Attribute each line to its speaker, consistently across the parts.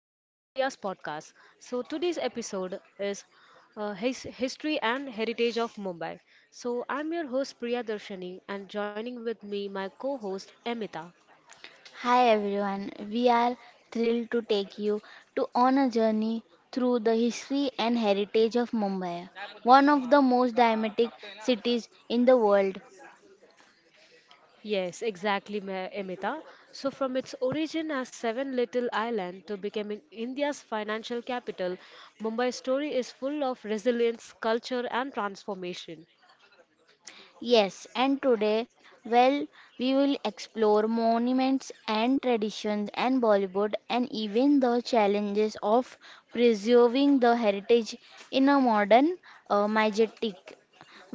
Speaker 1: to Priya's podcast. So, today's episode is his History and Heritage of Mumbai. So, I'm your host Priya Darshani, and joining with me, my co host Emita.
Speaker 2: Hi everyone, we are thrilled to take you to on a journey through the history and heritage of Mumbai, one of the most dynamic cities in the world.
Speaker 1: Yes, exactly, Emita. So, from its origin as Seven Little Island to becoming India's financial capital, Mumbai's story is full of resilience, culture, and transformation.
Speaker 2: Yes, and today, we will explore monuments and traditions and Bollywood and even the challenges of preserving the heritage in a modern, majestic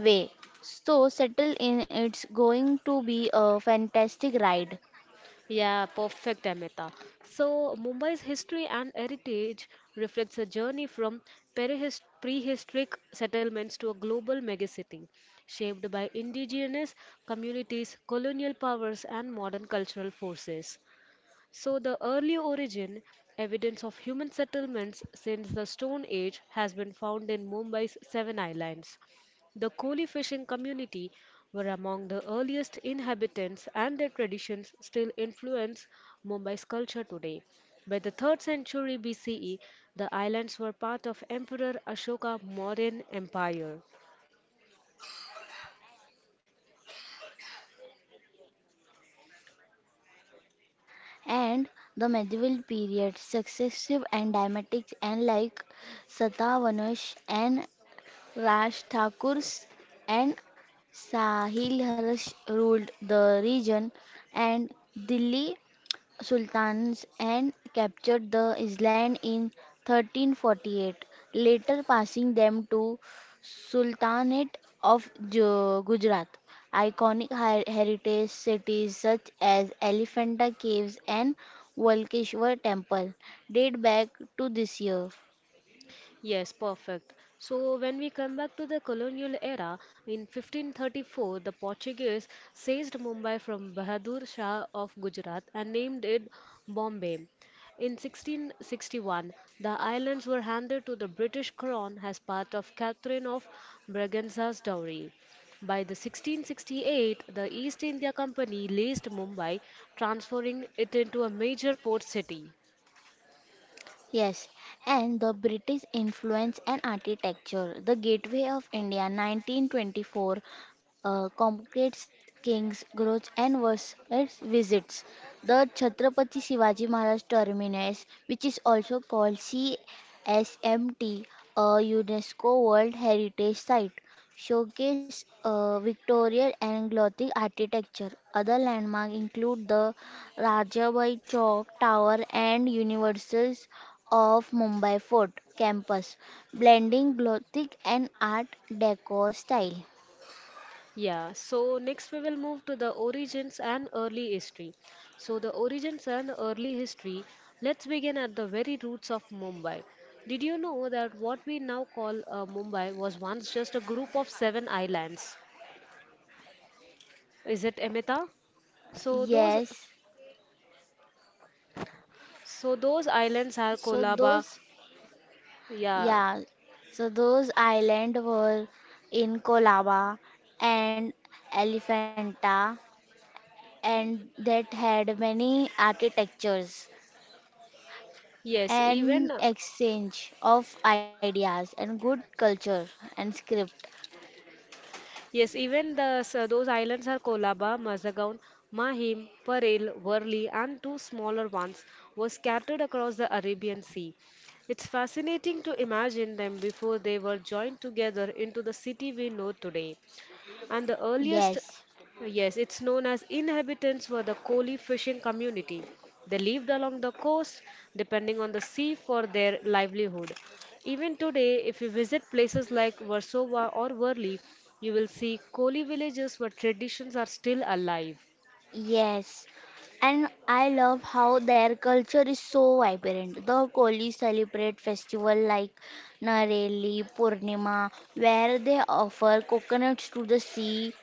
Speaker 2: way. So settle in, it's going to be a fantastic ride.
Speaker 1: Yeah, perfect, Amita. So, Mumbai's history and heritage reflects a journey from prehistoric settlements to a global megacity, shaped by indigenous communities, colonial powers, and modern cultural forces. So, the early origin, evidence of human settlements since the Stone Age, has been found in Mumbai's Seven Islands. The Koli fishing community were among the earliest inhabitants, and their traditions still influence Mumbai's culture today. By the 3rd century BCE, the islands were part of Emperor Ashoka Mauryan Empire.
Speaker 2: And the medieval period successive and dramatics and like Satavahanas and Raj Thakurs and Sahil Harsh ruled the region and Delhi sultans and captured the island in 1348, later passing them to Sultanate of Gujarat. Iconic heritage cities such as Elephanta Caves and Volkeshwar Temple date back to this year.
Speaker 1: Yes, perfect. So when we come back to the colonial era, in 1534, the Portuguese seized Mumbai from Bahadur Shah of Gujarat and named it Bombay. In 1661, the islands were handed to the British Crown as part of Catherine of Braganza's dowry. By the 1668, the East India Company leased Mumbai, transforming it into a major port city.
Speaker 2: Yes, and the British influence and architecture. The Gateway of India 1924 complicates King's growth and was visits. The Chhatrapati Shivaji Maharaj Terminus, which is also called CSMT, a UNESCO World Heritage Site, showcase Victorian and Gothic architecture. Other landmarks include the Rajabai Chowk Tower and Universal's of Mumbai Fort campus, blending Gothic and Art Deco style.
Speaker 1: Yeah, so next we will move to the origins and early history. So, the origins and early history, let's begin at the very roots of Mumbai. Did you know that what we now call Mumbai was once just a group of seven islands? Is it Emita? So those
Speaker 2: Yes,
Speaker 1: so those islands are
Speaker 2: so
Speaker 1: Kolaba.
Speaker 2: those,
Speaker 1: Yeah.
Speaker 2: yeah, so those island were in Colaba and Elephanta, and that had many architectures
Speaker 1: Yes, even
Speaker 2: and exchange of ideas and good culture and script.
Speaker 1: Those islands are Kolaba, Mazagaon, Mahim, Parel, Worli, and two smaller ones were scattered across the Arabian Sea. It's fascinating to imagine them before they were joined together into the city we know today and the earliest.
Speaker 2: Yes.
Speaker 1: Yes, it's known as inhabitants were the Koli fishing community. They lived along the coast, depending on the sea for their livelihood. Even today, if you visit places like Warsaw or Worli, you will see Koli villages where traditions are still alive.
Speaker 2: Yes, and I love how their culture is so vibrant. The Kohli celebrate festival like Nareli Purnima, where they offer coconuts to the sea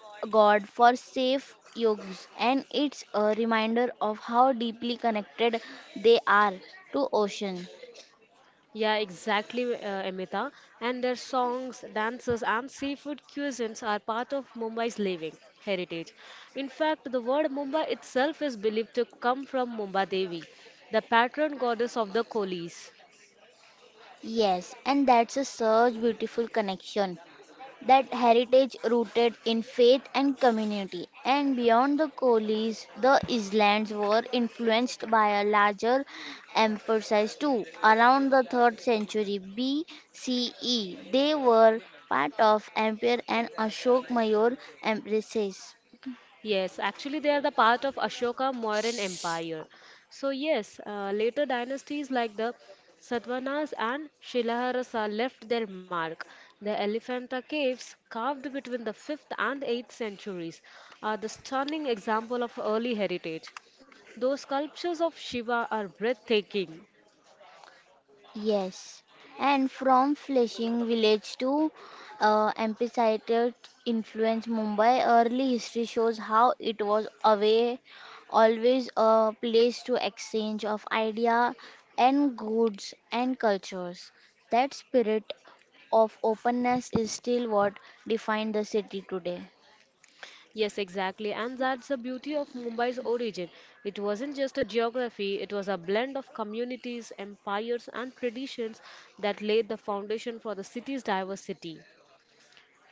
Speaker 2: god for safe yogs, and it's a reminder of how deeply connected they are to ocean.
Speaker 1: Yeah, exactly, Amita. And their songs, dances, and seafood cuisines are part of Mumbai's living heritage. In fact, the word Mumbai itself is believed to come from Mumba Devi, the patron goddess of the coolies.
Speaker 2: Yes, and that's a such beautiful connection, that heritage rooted in faith and community. And beyond the Collies, the islands were influenced by a larger emphasis too. Around the 3rd century BCE, they were part of Empire and Ashok Mayor empresses.
Speaker 1: Yes, actually, they are the part of Ashoka Mauryan Empire. So, yes, later dynasties like the Satavahanas and Shilaharasa left their mark. The Elephanta caves, carved between the 5th and 8th centuries, are the stunning example of early heritage. Those sculptures of Shiva are breathtaking.
Speaker 2: Yes, and from fishing village to Ampitheatre influence Mumbai, early history shows how it was away, always a place to exchange of idea and goods and cultures. That spirit of openness is still what defined the city today.
Speaker 1: Yes, exactly. And that's the beauty of Mumbai's origin. It wasn't just a geography, it was a blend of communities, empires, and traditions that laid the foundation for the city's diversity.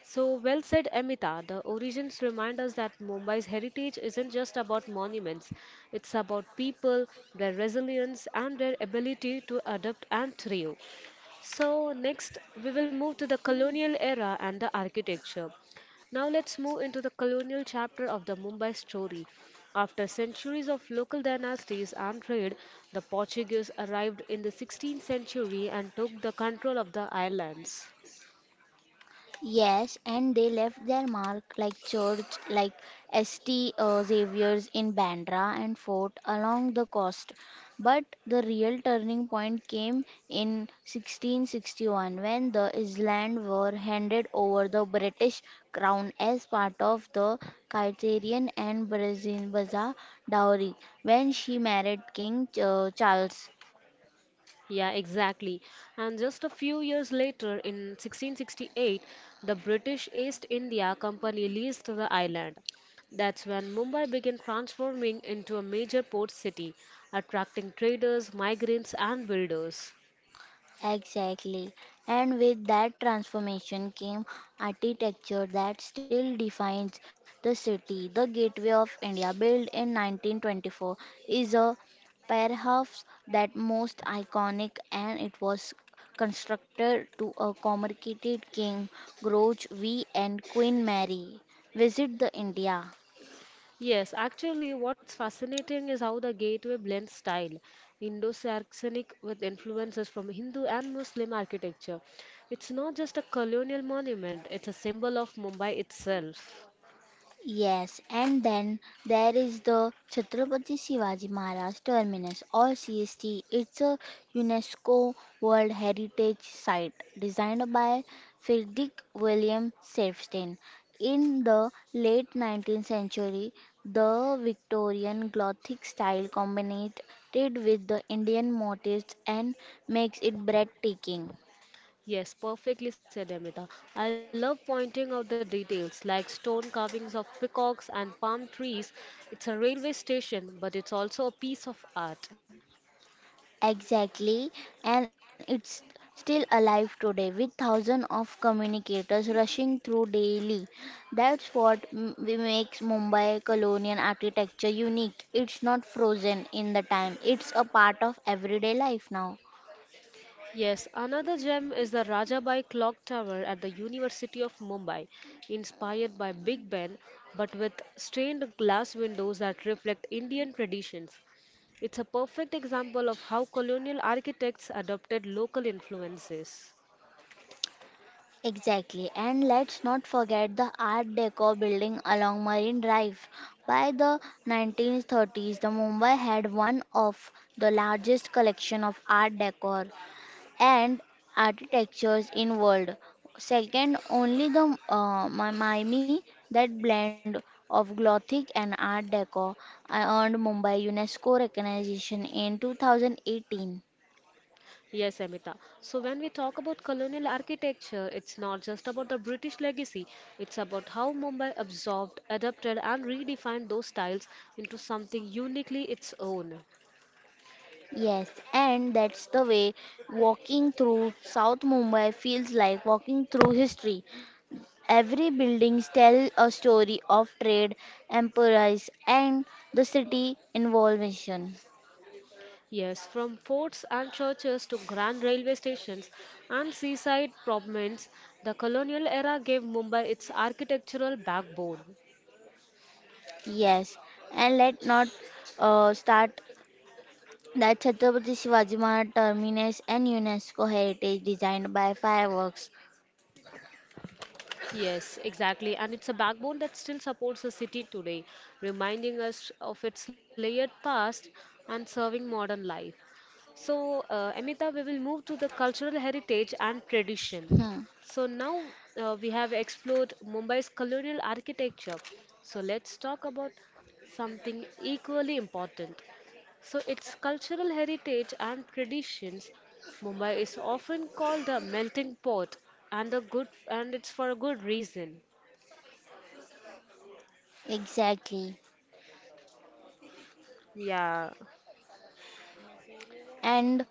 Speaker 1: So, well said, Amita. The origins remind us that Mumbai's heritage isn't just about monuments, it's about people, their resilience, and their ability to adapt and thrive. So, next we will move to the colonial era and the architecture. Now, let's move into the colonial chapter of the Mumbai story. After centuries of local dynasties and trade, the Portuguese arrived in the 16th century and took the control of the islands.
Speaker 2: Yes, and they left their mark like church, like St. Xavier's in Bandra and fort along the coast. But the real turning point came in 1661 when the island were handed over the British crown as part of the Criterion and Brazil Baza dowry when she married King Charles.
Speaker 1: Yeah, exactly. And just a few years later, in 1668, the British East India Company leased the island. That's when Mumbai began transforming into a major port city, attracting traders, migrants, and builders.
Speaker 2: Exactly. And with that transformation came architecture that still defines the city. The Gateway of India, built in 1924, is a perhaps that most iconic and it was constructed to accommodate King George V and Queen Mary. Visit the India.
Speaker 1: Yes, actually, what's fascinating is how the gateway blends style, Indo-Saxonic with influences from Hindu and Muslim architecture. It's not just a colonial monument, it's a symbol of Mumbai itself.
Speaker 2: Yes, and then there is the Chhatrapati Shivaji Maharaj Terminus or CST. It's a UNESCO World Heritage Site designed by Friedrich William Safstein. In the late 19th century, the Victorian Gothic style combined it with the Indian motifs and makes it breathtaking.
Speaker 1: Yes, perfectly said Amrita. I love pointing out the details like stone carvings of peacocks and palm trees. It's a railway station, but it's also a piece of art.
Speaker 2: Exactly, and it's still alive today with thousands of communicators rushing through daily. That's what we makes Mumbai colonial architecture unique. It's not frozen in the time, it's a part of everyday life now.
Speaker 1: Yes, another gem is the Rajabai Clock Tower at the University of Mumbai, inspired by Big Ben but with stained glass windows that reflect Indian traditions. It's a perfect example of how colonial architects adopted local influences.
Speaker 2: Exactly, and let's not forget the Art Deco building along Marine Drive. By the 1930s, the Mumbai had one of the largest collection of Art Deco and architectures in world, second only the miami, that blend of gothic and art deco I earned mumbai unesco recognition in 2018.
Speaker 1: Yes, Amita. So when we talk about colonial architecture, it's not just about the British legacy, it's about how Mumbai absorbed, adapted, and redefined those styles into something uniquely its own.
Speaker 2: Yes, and that's the way walking through South Mumbai feels like walking through history. Every buildings tell a story of trade, empires, and the city involvement.
Speaker 1: Yes, from forts and churches to grand railway stations and seaside promenades, the colonial era gave Mumbai its architectural backbone.
Speaker 2: Yes, and let not start that Chhatrapati Shivaji Maharaj Terminus and UNESCO Heritage designed by Fireworks.
Speaker 1: Yes, exactly. And it's a backbone that still supports the city today, reminding us of its layered past and serving modern life. So, Amita, we will move to the cultural heritage and tradition.
Speaker 2: Hmm,
Speaker 1: So, now we have explored Mumbai's colonial architecture. So, let's talk about something equally important so its cultural heritage and traditions. Mumbai is often called a melting pot and a good and it's for a good reason.
Speaker 2: exactly.
Speaker 1: Yeah.
Speaker 2: And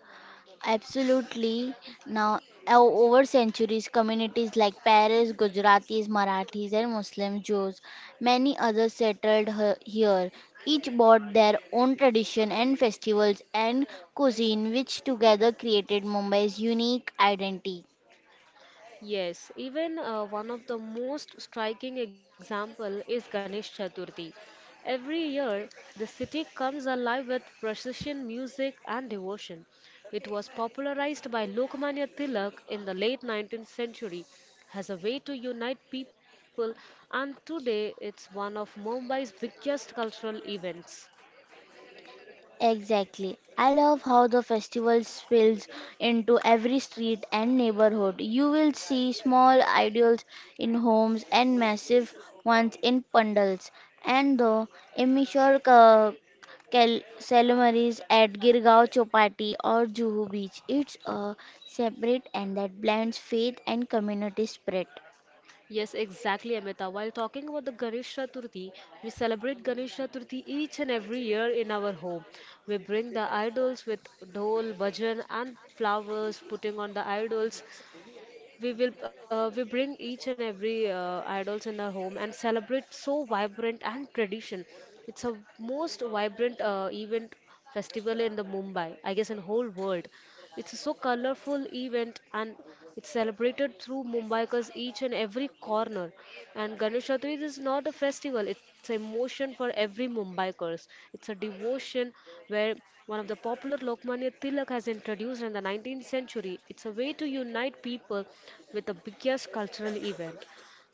Speaker 2: absolutely, now over centuries, communities like Paris, Gujaratis, Marathis, and Muslim Jews, many others settled here. Each brought their own tradition and festivals and cuisine, which together created Mumbai's unique identity.
Speaker 1: Yes, even one of the most striking example is Ganesh Chaturthi. Every year, the city comes alive with procession music and devotion. It was popularized by Lokmanya Tilak in the late 19th century as a way to unite people and today it's one of Mumbai's biggest cultural events.
Speaker 2: Exactly. I love how the festival spills into every street and neighborhood. You will see small idols in homes and massive ones in pandals. And the immature ceremonies at Girgaon Chowpatty or Juhu Beach. It's a separate and that blends faith and community spirit.
Speaker 1: Yes, exactly, Amita. While talking about the Ganesh Chaturthi, we celebrate Ganesh Chaturthi each and every year in our home. We bring the idols with dhol, bhajan, and flowers. Putting on the idols, we bring each and every idols in our home and celebrate so vibrant and tradition. It's a most vibrant event festival in the Mumbai, I guess in whole world. It's a so colorful event and it's celebrated through Mumbai's each and every corner. And Ganesh Chaturthi is not a festival, it's an emotion for every Mumbaikers. It's a devotion where one of the popular Lokmanya Tilak has introduced in the 19th century. It's a way to unite people with the biggest cultural event.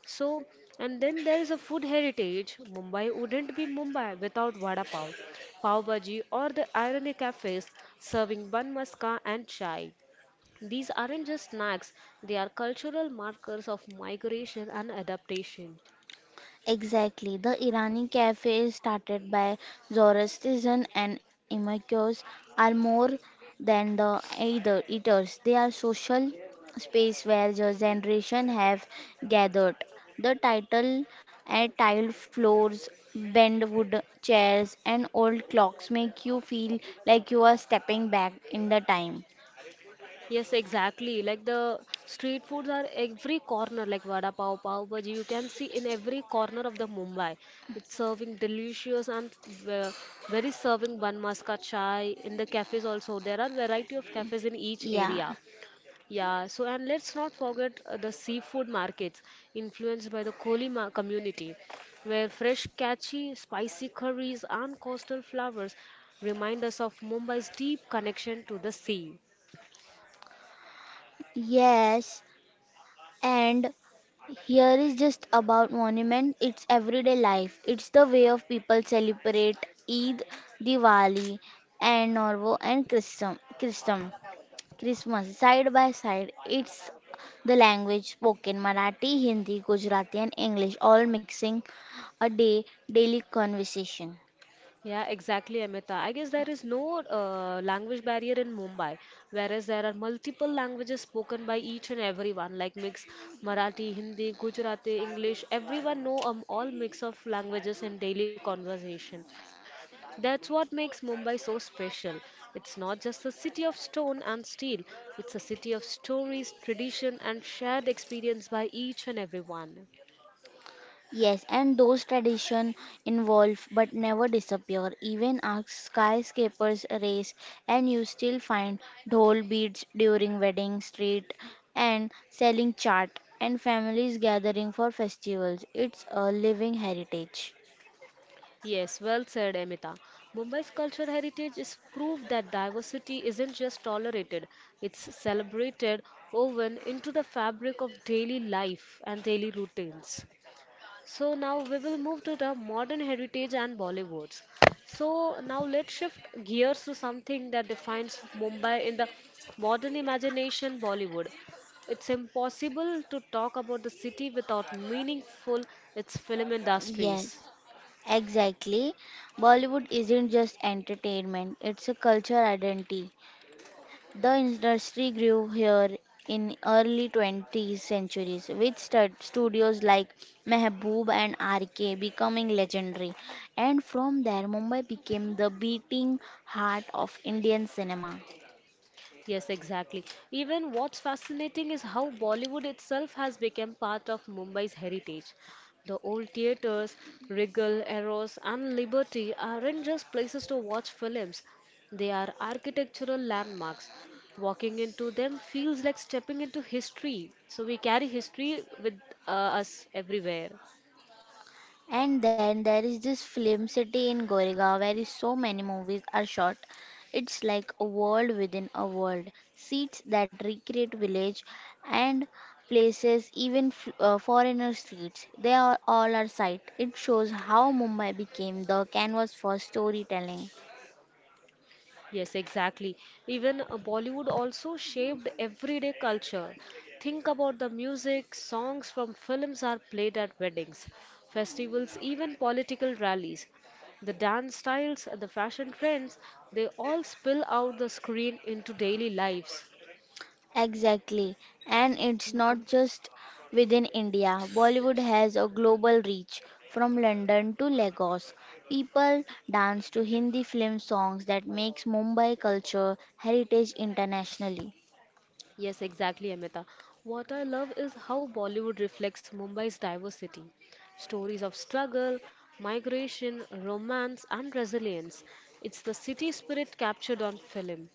Speaker 1: So, and then there is a food heritage. Mumbai wouldn't be Mumbai without vada pav, pav bhaji, or the irony cafes serving bun maska and chai. These aren't just snacks, they are cultural markers of migration and adaptation.
Speaker 2: Exactly. The Irani cafe started by Zoroastrians and Imamites are more than the either eaters. They are social space where the generation have gathered. The title and tiled floors, bent wood chairs and old clocks make you feel like you are stepping back in the time.
Speaker 1: Yes, exactly. Like the street foods are every corner, like vada pav, pav bhaji. You can see in every corner of the Mumbai. It's serving delicious and very serving bun maska chai in the cafes also. There are variety of cafes in each
Speaker 2: Yeah.
Speaker 1: area. Yeah. So and let's not forget the seafood markets influenced by the Kohli community, where fresh, catchy, spicy curries and coastal flowers remind us of Mumbai's deep connection to the sea.
Speaker 2: Yes, and here is just about monument, it's everyday life. It's the way of people celebrate Eid, Diwali and Norvo and Christmas side by side. It's the language spoken Marathi, Hindi, Gujarati and English all mixing a day daily conversation.
Speaker 1: Yeah, exactly, Amita. I guess there is no language barrier in Mumbai, whereas there are multiple languages spoken by each and everyone, like mix Marathi, Hindi, Gujarati, English. Everyone know all mix of languages in daily conversation. That's what makes Mumbai so special. It's not just a city of stone and steel. It's a city of stories, tradition, and shared experience by each and everyone.
Speaker 2: Yes, and those traditions evolve but never disappear. Even our skyscrapers race, and you still find dhol beads during wedding street and selling chart and families gathering for festivals. It's a living heritage.
Speaker 1: Yes, well said, Amita. Mumbai's cultural heritage is proof that diversity isn't just tolerated, it's celebrated, woven into the fabric of daily life and daily routines. So, now we will move to the modern heritage and Bollywoods. So, now let's shift gears to something that defines Mumbai in the modern imagination Bollywood. It's impossible to talk about the city without meaningful its film
Speaker 2: Yes,
Speaker 1: industries.
Speaker 2: exactly. Bollywood isn't just entertainment, it's a cultural identity. The industry grew here in early 20th centuries with studios like Mehboob and RK becoming legendary, and from there Mumbai became the beating heart of Indian cinema.
Speaker 1: Yes, exactly. Even what's fascinating is how Bollywood itself has become part of Mumbai's heritage. The old theatres, Regal, Eros, and Liberty aren't just places to watch films, they are architectural landmarks. Walking into them feels like stepping into history. So we carry history with us everywhere.
Speaker 2: And then there is this film city in Goregaon where so many movies are shot. It's like a world within a world. Seats that recreate village and places, even foreigner streets. They are all our sight. It shows how Mumbai became the canvas for storytelling.
Speaker 1: Yes, exactly. Even Bollywood also shaped everyday culture. Think about the music, songs from films are played at weddings, festivals, even political rallies. The dance styles, the fashion trends, they all spill out the screen into daily lives.
Speaker 2: Exactly. And it's not just within India. Bollywood has a global reach. From London to Lagos, people dance to Hindi film songs that makes Mumbai culture heritage internationally.
Speaker 1: Yes, exactly, Amita. What I love is how Bollywood reflects Mumbai's diversity. Stories of struggle, migration, romance, and resilience. It's the city spirit captured on film.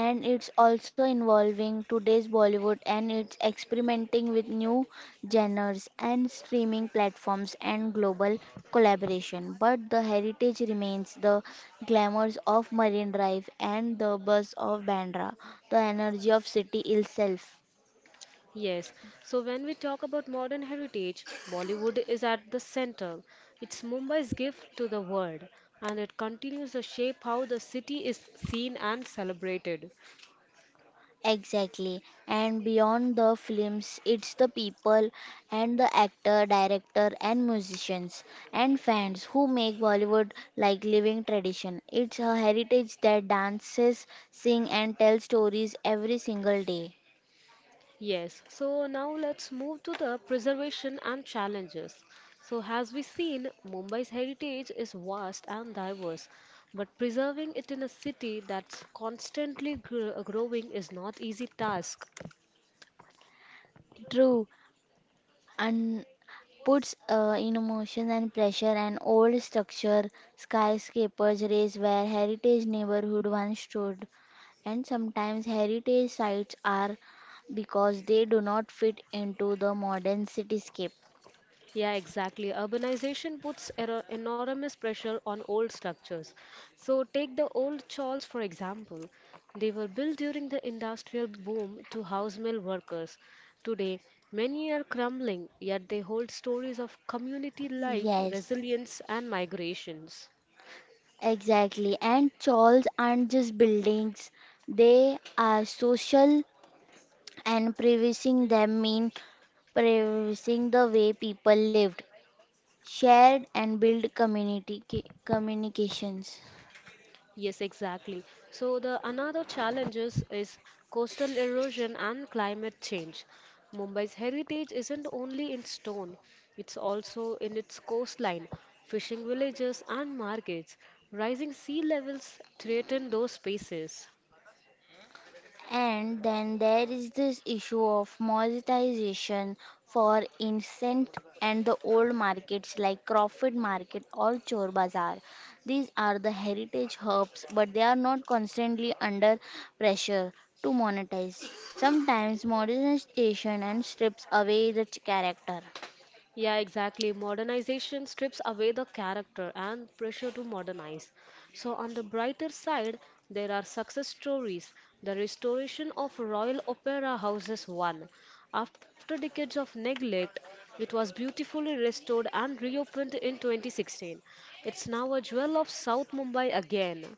Speaker 2: And it's also involving today's Bollywood and it's experimenting with new genres and streaming platforms and global collaboration. But the heritage remains the glamours of Marine Drive and the buzz of Bandra, the energy of city itself.
Speaker 1: Yes, so when we talk about modern heritage, Bollywood is at the center. It's Mumbai's gift to the world, and it continues to shape how the city is seen and celebrated.
Speaker 2: Exactly. And beyond the films, it's the people and the actor, director, and musicians and fans who make Bollywood like living tradition. It's a heritage that dances, sing, and tells stories every single day.
Speaker 1: Yes, so now let's move to the preservation and challenges. So, as we seen, Mumbai's heritage is vast and diverse, but preserving it in a city that's constantly growing is not easy task.
Speaker 2: True, and puts in emotion and pressure and old structure, skyscrapers race where heritage neighborhood once stood. And sometimes heritage sites are because they do not fit into the modern cityscape.
Speaker 1: Yeah, exactly. Urbanization puts enormous pressure on old structures. So, take the old churches for example. They were built during the industrial boom to house mill workers. Today, many are crumbling, yet they hold stories of community life,
Speaker 2: Yes,
Speaker 1: resilience, and migrations.
Speaker 2: exactly. And churches aren't just buildings, they are social, and preserving them mean preserving the way people lived, shared, and built community communications.
Speaker 1: Yes, exactly. So the another challenges is coastal erosion and climate change. Mumbai's heritage isn't only in stone, it's also in its coastline, fishing villages and markets. Rising sea levels threaten those spaces.
Speaker 2: And then there is this issue of monetization. For instance, and the old markets like Crawford Market or Chor Bazaar. These are the heritage hubs, but they are not constantly under pressure to monetize. Sometimes modernization and strips away the character.
Speaker 1: Yeah, exactly. Modernization strips away the character and pressure to modernize. So, on the brighter side, there are success stories. The restoration of Royal Opera House is one. After decades of neglect, it was beautifully restored and reopened in 2016. It's now a jewel of South Mumbai again.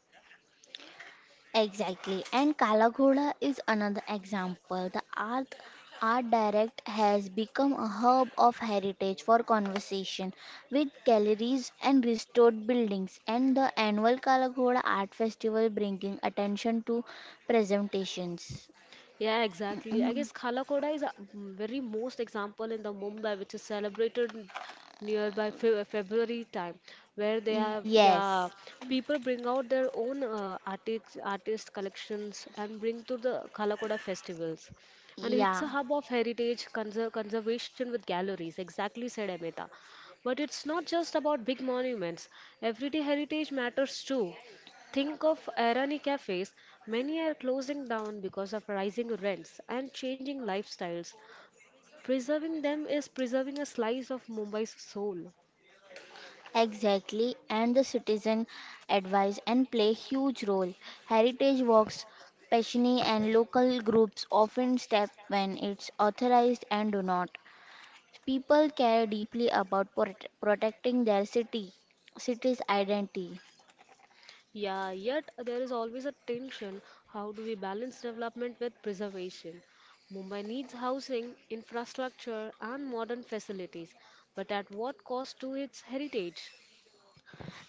Speaker 2: Exactly, and Kala is another example. The art art direct has become a hub of heritage for conversation with galleries and restored buildings and the annual Kala art festival bringing attention to presentations.
Speaker 1: Yeah,
Speaker 2: Mm,
Speaker 1: exactly. I
Speaker 2: mm.
Speaker 1: guess Khalakoda is a very most example in the Mumbai, which is celebrated nearby Fe February time, where they have
Speaker 2: Yes.
Speaker 1: yeah people bring out their own artist collections and bring to the Khalakoda festivals, and it's
Speaker 2: Yeah.
Speaker 1: a hub of heritage conservation with galleries. Exactly said Amita. But it's not just about big monuments. Everyday heritage matters too. Think of Irani cafes. Many are closing down because of rising rents and changing lifestyles. Preserving them is preserving a slice of Mumbai's soul.
Speaker 2: Exactly, and the citizen advise and play huge role. Heritage walks, Peshini and local groups often step when it's authorized and do not. People care deeply about protecting their city, city's identity.
Speaker 1: Yeah, yet there is always a tension. How do we balance development with preservation? Mumbai needs housing, infrastructure, and modern facilities, but at what cost to its heritage?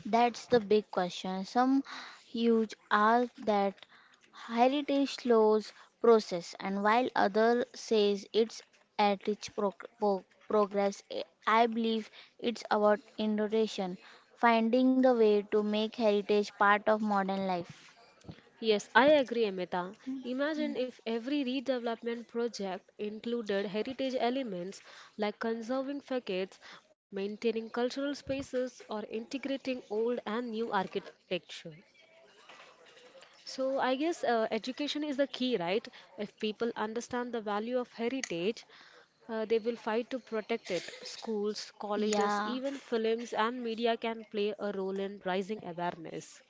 Speaker 2: That's the big question. Some huge are that heritage slows process, and while other says it's at its progress, I believe it's about innovation, finding the way to make heritage part of modern life.
Speaker 1: Yes, I agree, Amita. Imagine if every redevelopment project included heritage elements like conserving facades, maintaining cultural spaces, or integrating old and new architecture. So, I guess education is the key, right? If people understand the value of heritage, they will fight to protect it. Schools, colleges,
Speaker 2: Yeah,
Speaker 1: even films and media can play a role in rising awareness.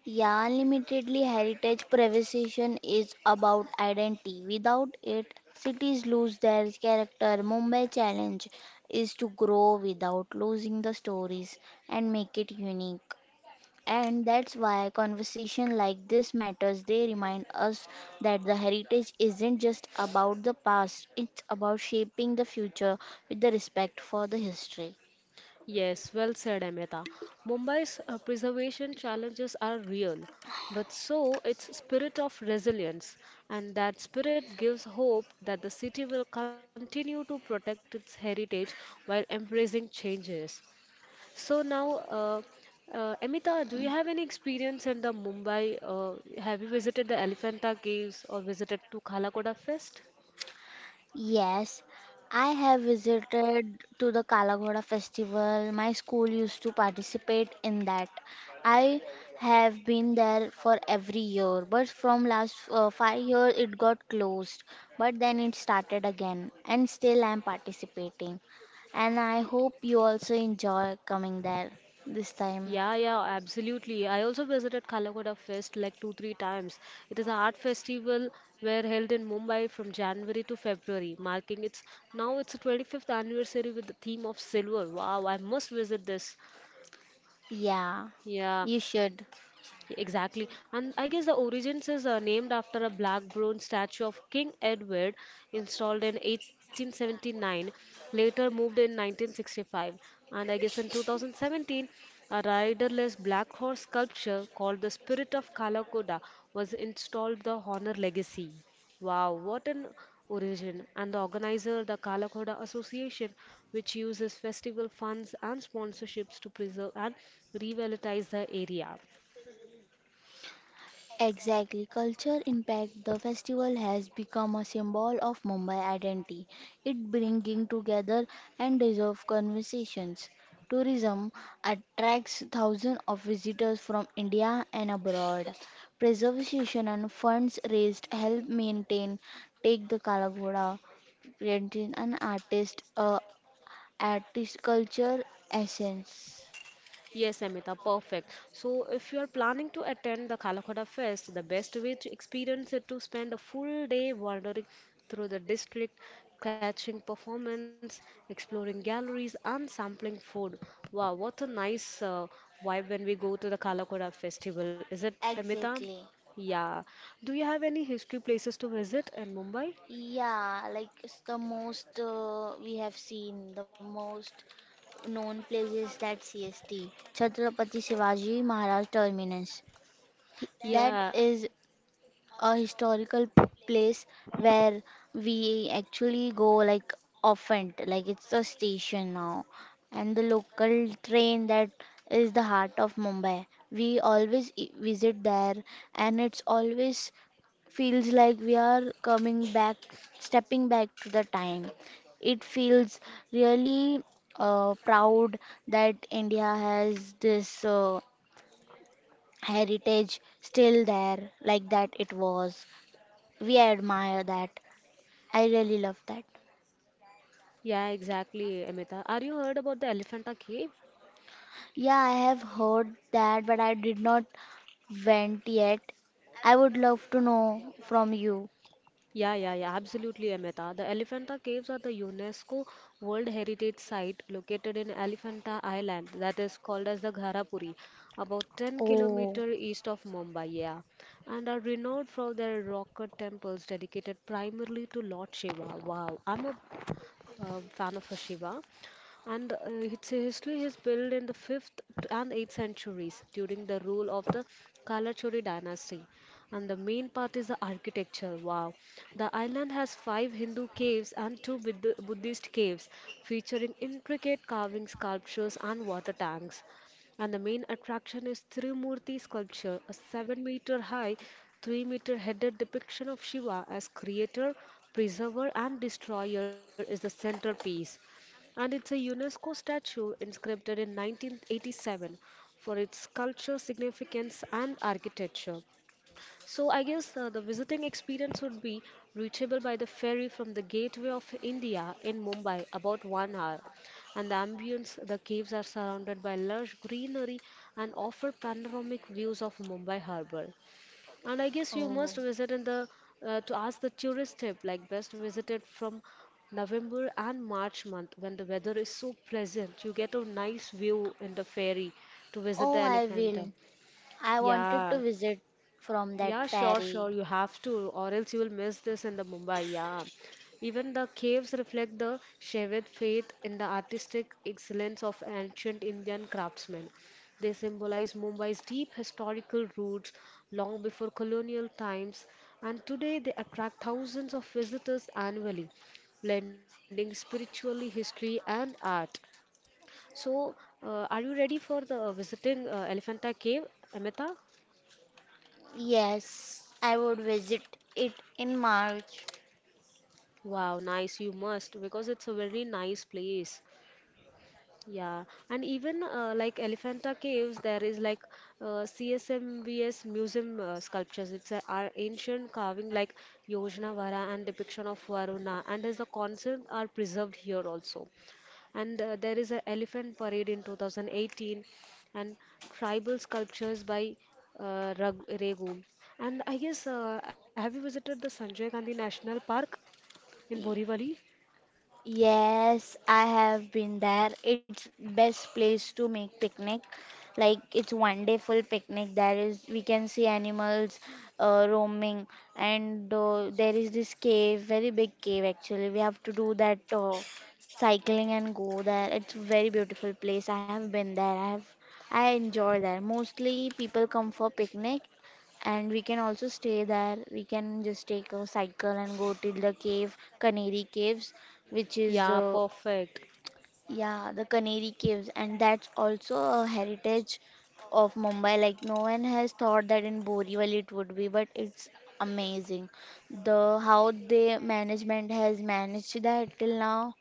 Speaker 2: Yeah, unlimitedly heritage preservation is about identity. Without it, cities lose their character. Mumbai challenge is to grow without losing the stories and make it unique. And that's why conversation like this matters. They remind us that the heritage isn't just about the past, it's about shaping the future with the respect for the history.
Speaker 1: Yes, well said, Amita. Mumbai's preservation challenges are real, but so its spirit of resilience, and that spirit gives hope that the city will continue to protect its heritage while embracing changes. So now, Amita, do you have any experience in the Mumbai? Have you visited the Elephanta Caves or visited to Khalakoda Fest?
Speaker 2: Yes, I have visited to the Kalagoda festival. My school used to participate in that. I have been there for every year, but from last 5 years it got closed. But then it started again, and still I'm participating. And I hope you also enjoy coming there this time.
Speaker 1: Yeah, yeah, absolutely. I also visited Kalakoda Fest like two, three times. It is an art festival where held in Mumbai from January to February, marking its now its 25th anniversary with the theme of silver. Wow, I must visit this.
Speaker 2: Yeah,
Speaker 1: Yeah,
Speaker 2: you should.
Speaker 1: exactly. And I guess the origins is named after a black bronze statue of King Edward installed in 1879, later moved in 1965. And I guess in 2017, a riderless black horse sculpture called the Spirit of Kalakoda was installed the Honor Legacy. Wow, what an origin. And the organizer, the Kalakoda Association, which uses festival funds and sponsorships to preserve and revitalize the area.
Speaker 2: Exactly. Culture impact the festival has become a symbol of Mumbai identity. It bringing together and deserve conversations. Tourism attracts thousands of visitors from India and abroad. Preservation and funds raised help maintain take the Kalagoda, creating an artist culture essence.
Speaker 1: Yes, Amita, perfect. So, if you are planning to attend the Kalakoda Fest, the best way to experience it to spend a full day wandering through the district, catching performance, exploring galleries, and sampling food. Wow, what a nice vibe when we go to the Kalakoda Festival, is it, Amita?
Speaker 2: Exactly.
Speaker 1: Yeah. Do you have any history places to visit in Mumbai?
Speaker 2: Yeah, like it's the most we have seen, the most known places that CST, Chhatrapati Shivaji Maharaj Terminus. That
Speaker 1: Yeah,
Speaker 2: is a historical place where we actually go like often, like it's a station now. And the local train that is the heart of Mumbai. We always visit there and it's always feels like we are coming back, stepping back to the time. It feels really proud that India has this heritage still there, like that it was. We admire that. I really love that.
Speaker 1: yeah, exactly, Amita. Are you heard about the Elephanta Cave?
Speaker 2: Yeah, I have heard that, but I did not went yet. I would love to know from you.
Speaker 1: Yeah, yeah, yeah, absolutely, Amita. The Elephanta Caves are the UNESCO World Heritage Site located in Elephanta Island, that is called as the Gharapuri, about 10
Speaker 2: Oh,
Speaker 1: kilometer east of Mumbai, yeah, and are renowned for their rock cut temples dedicated primarily to Lord Shiva. Wow, I'm a fan of Shiva. And its history is built in the 5th and 8th centuries during the rule of the Kalachuri dynasty. And the main part is the architecture. Wow. The island has five Hindu caves and two Buddhist caves featuring intricate carving sculptures and water tanks. And the main attraction is Trimurti sculpture, a 7-meter high, 3-meter headed depiction of Shiva as creator, preserver, and destroyer is the centerpiece. And it's a UNESCO statue inscribed in 1987 for its culture significance and architecture. So I guess the visiting experience would be reachable by the ferry from the Gateway of India in Mumbai, about 1 hour. And the ambience, the caves are surrounded by lush greenery and offer panoramic views of Mumbai harbour. And I guess you
Speaker 2: oh,
Speaker 1: must visit in the to ask the tourist tip, like best visited from November and March month when the weather is so pleasant. You get a nice view in the ferry to visit
Speaker 2: oh,
Speaker 1: the
Speaker 2: I
Speaker 1: Elephanta.
Speaker 2: will. I wanted to
Speaker 1: Yeah.
Speaker 2: visit from that
Speaker 1: Yeah, sure,
Speaker 2: ferry.
Speaker 1: sure. You have to, or else you will miss this in the Mumbai. Yeah, even the caves reflect the Shaivid faith in the artistic excellence of ancient Indian craftsmen. They symbolize Mumbai's deep historical roots long before colonial times, and today they attract thousands of visitors annually, blending spiritually history and art. So, are you ready for the visiting Elephanta Cave, Amita?
Speaker 2: Yes, I would visit it in March.
Speaker 1: Wow, nice. You must because it's a very nice place. Yeah, and even like Elephanta Caves, there is like CSMVS museum sculptures. It's a, are ancient carving like Yojnavara and depiction of Varuna, and as the concept are preserved here also. And there is a elephant parade in 2018, and tribal sculptures by Rag Regu. And I guess have you visited the Sanjay Gandhi National Park in Borivali?
Speaker 2: Yes, I have been there. It's best place to make picnic. Like it's 1 day full picnic. There is we can see animals roaming, and there is this cave, very big cave actually. We have to do that cycling and go there. It's very beautiful place. I have been there. I enjoy there. Mostly people come for picnic, and we can also stay there. We can just take a cycle and go till the cave, Canary Caves which is
Speaker 1: Yeah, perfect.
Speaker 2: yeah, the Canary Caves, and that's also a heritage of Mumbai. Like, no one has thought that in Borivali it would be, but it's amazing. The how the management has managed that till now,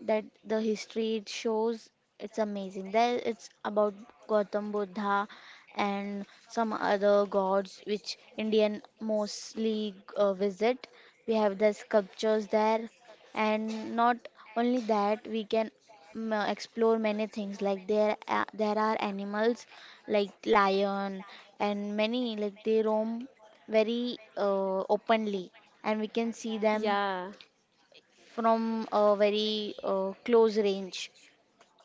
Speaker 2: that the history it shows it's amazing there, it's about Gautam Buddha and some other gods which Indian mostly visit, we have the sculptures there. And not only that, we can explore many things, like there are animals like lion and many like they roam very openly and we can see them
Speaker 1: Yeah.
Speaker 2: from a very close range.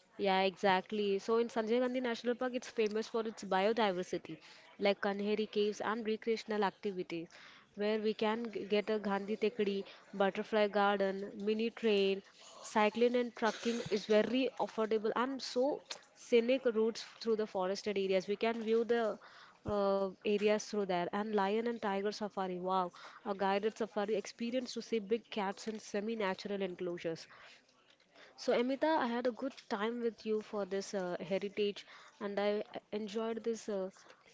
Speaker 1: Yeah, exactly. So in Sanjay Gandhi National Park, it's famous for its biodiversity, like Kanheri caves and recreational activities, where we can get a Gandhi Tekdi, butterfly garden, mini train, cycling and trucking is very affordable and so scenic routes through the forested areas. We can view the areas through there and lion and tiger safari wow a guided safari experience to see big cats in semi-natural enclosures so, Amita, I had a good time with you for this heritage, and I enjoyed this uh,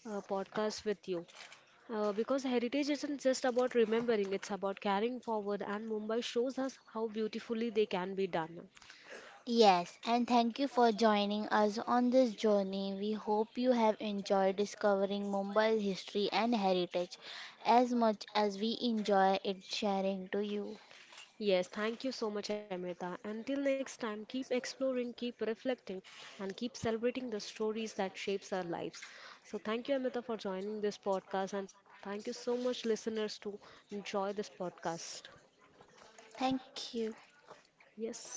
Speaker 1: uh, podcast with you. Because heritage isn't just about remembering, it's about carrying forward, and Mumbai shows us how beautifully they can be done.
Speaker 2: Yes, and thank you for joining us on this journey. We hope you have enjoyed discovering Mumbai's history and heritage as much as we enjoy it sharing to you.
Speaker 1: Yes, thank you so much, Amita. Until next time, keep exploring, keep reflecting, and keep celebrating the stories that shapes our lives. So, thank you, Amita, for joining this podcast, and thank you so much, listeners, to enjoy this podcast.
Speaker 2: Thank you.
Speaker 1: Yes.